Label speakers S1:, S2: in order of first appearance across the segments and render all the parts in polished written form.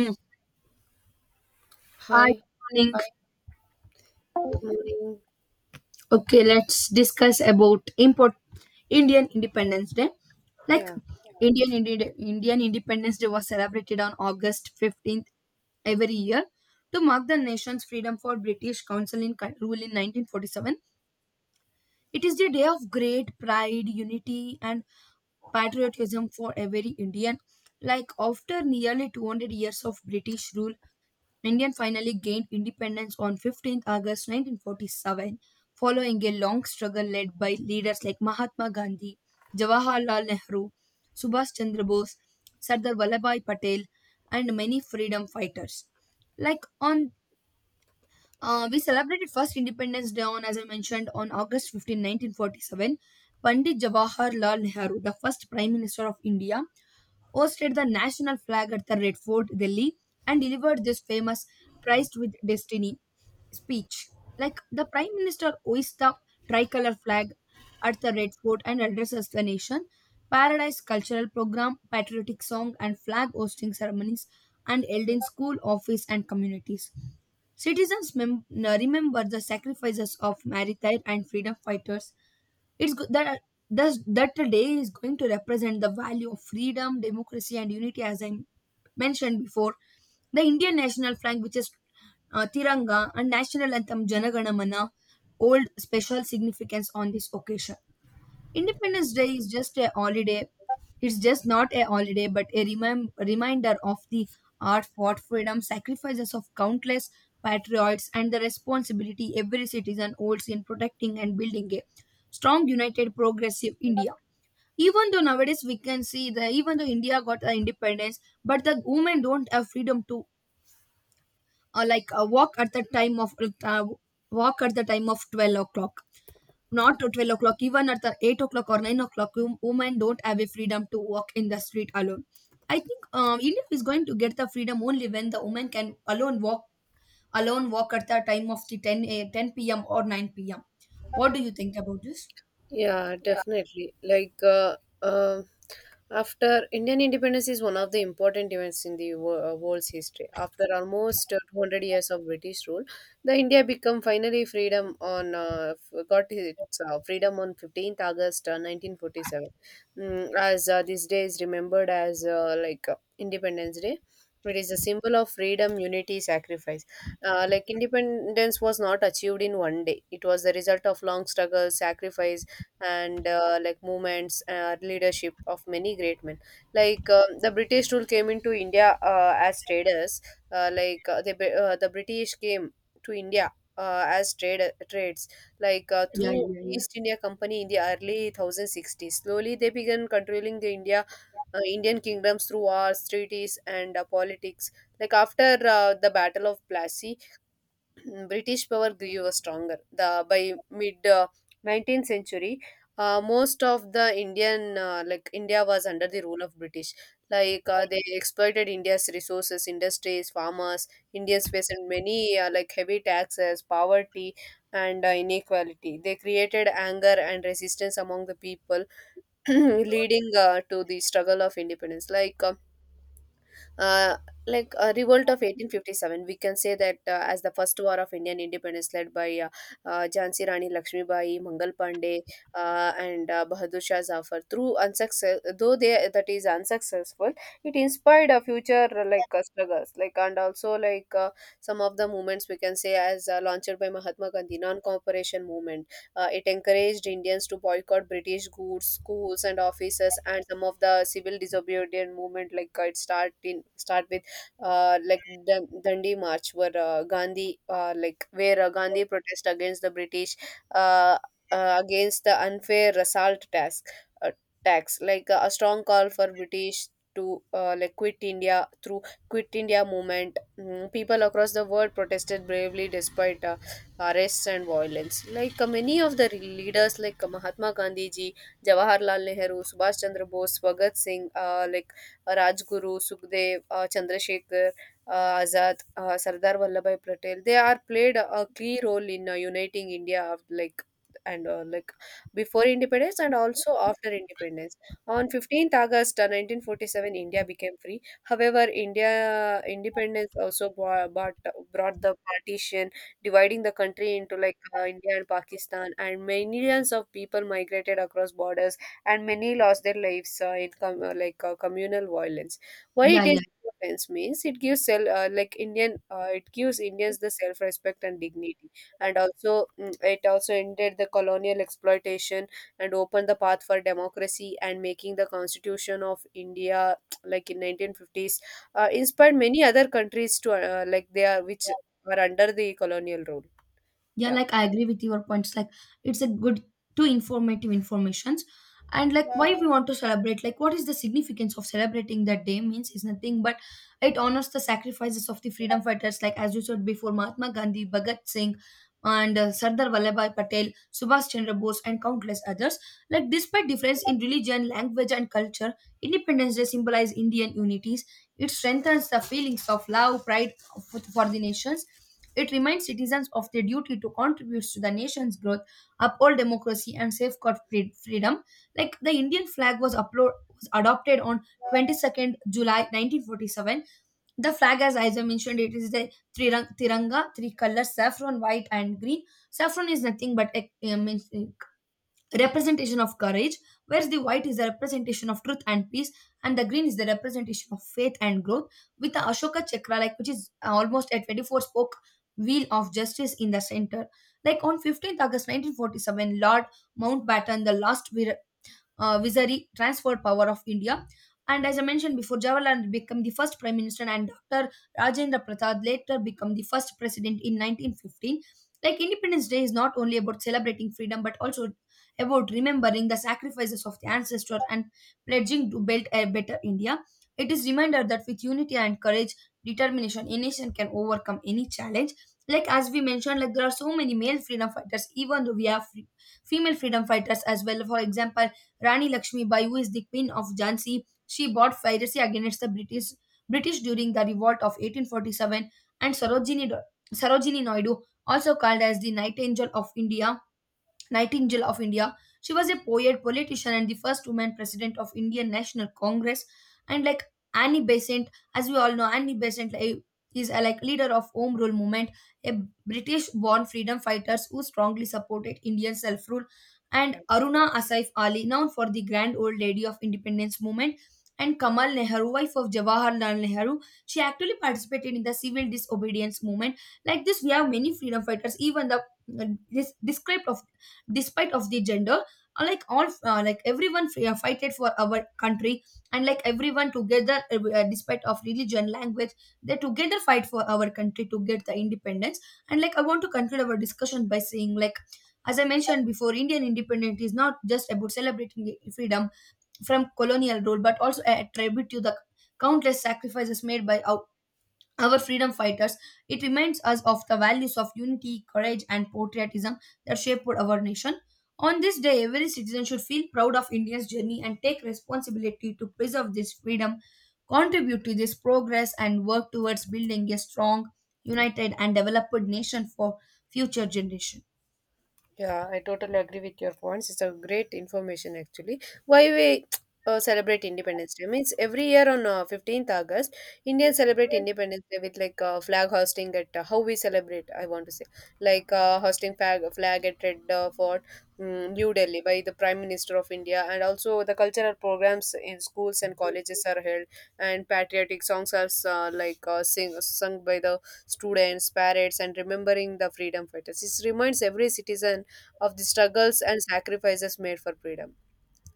S1: Hmm.
S2: Hi,
S1: Iconic.
S2: good morning.
S1: Okay, let's discuss about import Indian Independence Day. Like
S2: Yeah,
S1: Indian Independence Day was celebrated on August 15th every year to mark the nation's freedom for British Council in rule in 1947. It is the day of great pride, unity, and patriotism for every Indian. Like after nearly 200 years of British rule, India finally gained independence on 15th August 1947, following a long struggle led by leaders like Mahatma Gandhi, Jawaharlal Nehru, Subhash Chandra Bose, Sardar Vallabhbhai Patel, and many freedom fighters. Like on, we celebrated first Independence Day on, as I mentioned, on August 15, 1947. Pandit Jawaharlal Nehru, the first Prime Minister of India, hoisted the national flag at the Red Fort, Delhi, and delivered this famous tryst with destiny speech. Like the Prime Minister hoists the tricolor flag at the Red Fort and addresses the nation. Paradise cultural program, patriotic song, and flag hosting ceremonies and held in school, office, and communities. Citizens remember the sacrifices of martyrs and freedom fighters. It's good that thus that the day is going to represent the value of freedom, democracy, and unity, as I mentioned before. The Indian national flag, which is Tiranga, and national anthem Janaganamana hold special significance on this occasion. Independence Day is just a holiday. It's just not a holiday, but a reminder of the hard fought freedom, sacrifices of countless patriots, and the responsibility every citizen holds in protecting and building a strong, united, progressive India. Even though nowadays we can see that even though India got the independence, but the women don't have freedom to like walk at the time of uh, 12 o'clock, not to 12 o'clock, even at the 8 o'clock or 9 o'clock, women don't have a freedom to walk in the street alone. I think India is going to get the freedom only when the woman can alone walk at the time of the 10 a 10 p.m. or 9 p.m. What do you think about this?
S2: yeah, definitely. Like um after Indian independence is one of the important events in the world's history. After almost 200 years of British rule, the India become finally freedom got its freedom on 15th August 1947. As this day is remembered as Independence Day. It is a symbol of freedom, unity, sacrifice. Like, independence was not achieved in one day. It was the result of long struggle, sacrifice, and like movements, leadership of many great men, like the British rule came into India as traders, the British came to India as trades like
S1: Yeah,
S2: through
S1: yeah, yeah,
S2: East India Company in the early 1060s. Slowly they began controlling the Indian kingdoms through wars, treaties, and politics, like after the Battle of Plassey. British power grew stronger. The by mid 19th century, most of the Indian like India was under the rule of British. Like they exploited India's resources, industries, farmers. Indians faced many like heavy taxes, poverty, and inequality. They created anger and resistance among the people, leading to the struggle of independence. Uh, like, a revolt of 1857, we can say, that as the first war of Indian independence, led by Jhansi Rani Lakshmibai, Mangal Pandey, and Bahadur Shah Zafar, through unsuccess though they, that is, unsuccessful, it inspired a future like struggles, like and also like some of the movements, we can say, as launched by Mahatma Gandhi. Non Cooperation Movement, it encouraged Indians to boycott British goods, schools, and offices, and some of the civil disobedient movement, like it start with like the Dandi March, where Gandhi like where Gandhi protest against the British, uh, against the unfair assault tax, uh, like a strong call for British to like quit India through Quit India movement. People across the world protested bravely despite arrests and violence. Like many of the leaders, like Mahatma Gandhi ji, Jawaharlal Nehru, Subhash Chandra Bose, Bhagat Singh, Rajguru, Sukhdev, Chandrasekhar, Azad, Sardar Vallabhai Patel, they are played a key role in uniting India of like, and like before independence and also after independence. On 15th August 1947, India became free. However, India independence also brought the partition, dividing the country into like India and Pakistan, and millions of people migrated across borders, and many lost their lives in communal violence. Why
S1: yeah,
S2: it
S1: yeah.
S2: is offense means it gives Indians the self respect and dignity, and also it also ended the colonial exploitation and opened the path for democracy and making the Constitution of India like in 1950s, inspired many other countries to like they are which were under the colonial rule.
S1: Yeah,
S2: Yeah.
S1: like I agree with your points. Like it's a good two informative informations. And like why we want to celebrate, like what is the significance of celebrating that day means is nothing but it honors the sacrifices of the freedom fighters, like as you said before, Mahatma Gandhi, Bhagat Singh, and Sardar Vallabhai Patel, Subhash Chandra Bose, and countless others. Like despite difference in religion, language, and culture, Independence Day symbolizes Indian unities. It strengthens the feelings of love, pride for the nations. It reminds citizens of their duty to contribute to the nation's growth, uphold democracy, and safeguard freedom. Like the Indian flag was adopted on 22nd July 1947. The flag, as I mentioned, it is the tiranga, three colors: saffron, white, and green. Saffron is nothing but means representation of courage, whereas the white is the representation of truth and peace, and the green is the representation of faith and growth. With the Ashoka Chakra, like which is almost at 24 spoke wheel of justice in the center. Like on 15th August 1947, Lord Mountbatten, the last Vizari, transferred power of India. And as I mentioned before, Jawaharlal became the first prime minister, and Dr. Rajendra Prasad later became the first president in 1915. Like Independence Day is not only about celebrating freedom, but also about remembering the sacrifices of the ancestors and pledging to build a better India. It is reminder that with unity and courage, determination, a nation can overcome any challenge. Like as we mentioned, like there are so many male freedom fighters, even though we have free, female freedom fighters as well. For example, Rani Lakshmi Bai, who is the queen of Jhansi, she brought piracy against the British during the revolt of 1847, and Sarojini Naidu, also called as the Nightingale of India, Nightingale of India. She was a poet, politician, and the first woman president of Indian National Congress. And like Annie Besant, as we all know, Annie Besant like, is a like leader of Home Rule Movement, a British-born freedom fighters who strongly supported Indian self-rule. And Aruna Asif Ali, known for the Grand Old Lady of Independence Movement. And Kamal Nehru, wife of Jawaharlal Nehru, she actually participated in the civil disobedience movement. Like this, we have many freedom fighters, even the uh, this described of despite of the gender, like all like everyone fighted for our country, and like everyone together, despite of religion language, they together fight for our country to get the independence. And like I want to conclude our discussion by saying, like, as I mentioned before, Indian independence is not just about celebrating freedom from colonial rule, but also a tribute to the countless sacrifices made by our freedom fighters. It reminds us of the values of unity, courage, and patriotism that shaped our nation. On this day, every citizen should feel proud of India's journey and take responsibility to preserve this freedom, contribute to this progress, and work towards building a strong, united, and developed nation for future generations.
S2: Yeah, I totally agree with your points. It's a great information actually. Why we celebrate Independence Day means every year on 15th August, Indians celebrate Independence Day with like flag hosting at how we celebrate. I want to say like hosting flag at Red Fort, New Delhi by the Prime Minister of India, and also the cultural programs in schools and colleges are held, and patriotic songs are sing sung by the students, parents, and remembering the freedom fighters. It reminds every citizen of the struggles and sacrifices made for freedom.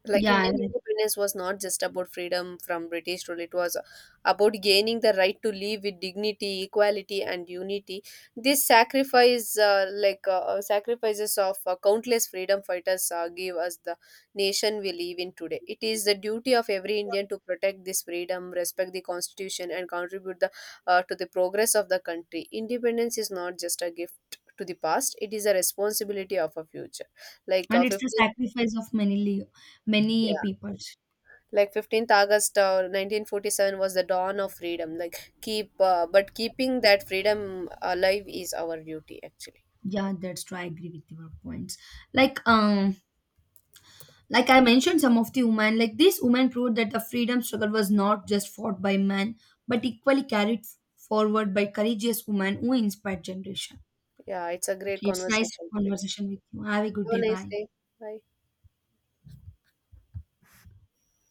S2: Like
S1: Yeah,
S2: Indian
S1: right.
S2: independence was not just about freedom from British rule, it was about gaining the right to live with dignity, equality, and unity. This sacrifices of countless freedom fighters, give us the nation we live in today. It is the duty of every Indian to protect this freedom, respect the constitution, and contribute to the progress of the country. Independence is not just a gift to the past; it is a responsibility of a future. Like
S1: And it's the
S2: 50.
S1: sacrifice of many, many
S2: Yeah,
S1: peoples.
S2: like 15th August 1947 was the dawn of freedom, like keep but keeping that freedom alive is our duty actually.
S1: Yeah, that's true. I agree with your points. Like, um, Like I mentioned, some of the women, like these women, proved that the freedom struggle was not just fought by men, but equally carried forward by courageous women who inspired generation.
S2: Yeah, it's a great
S1: It's nice
S2: conversation with
S1: conversation with you. Have a good
S2: you.
S1: day.
S2: Have a nice
S1: Bye.
S2: day. Bye.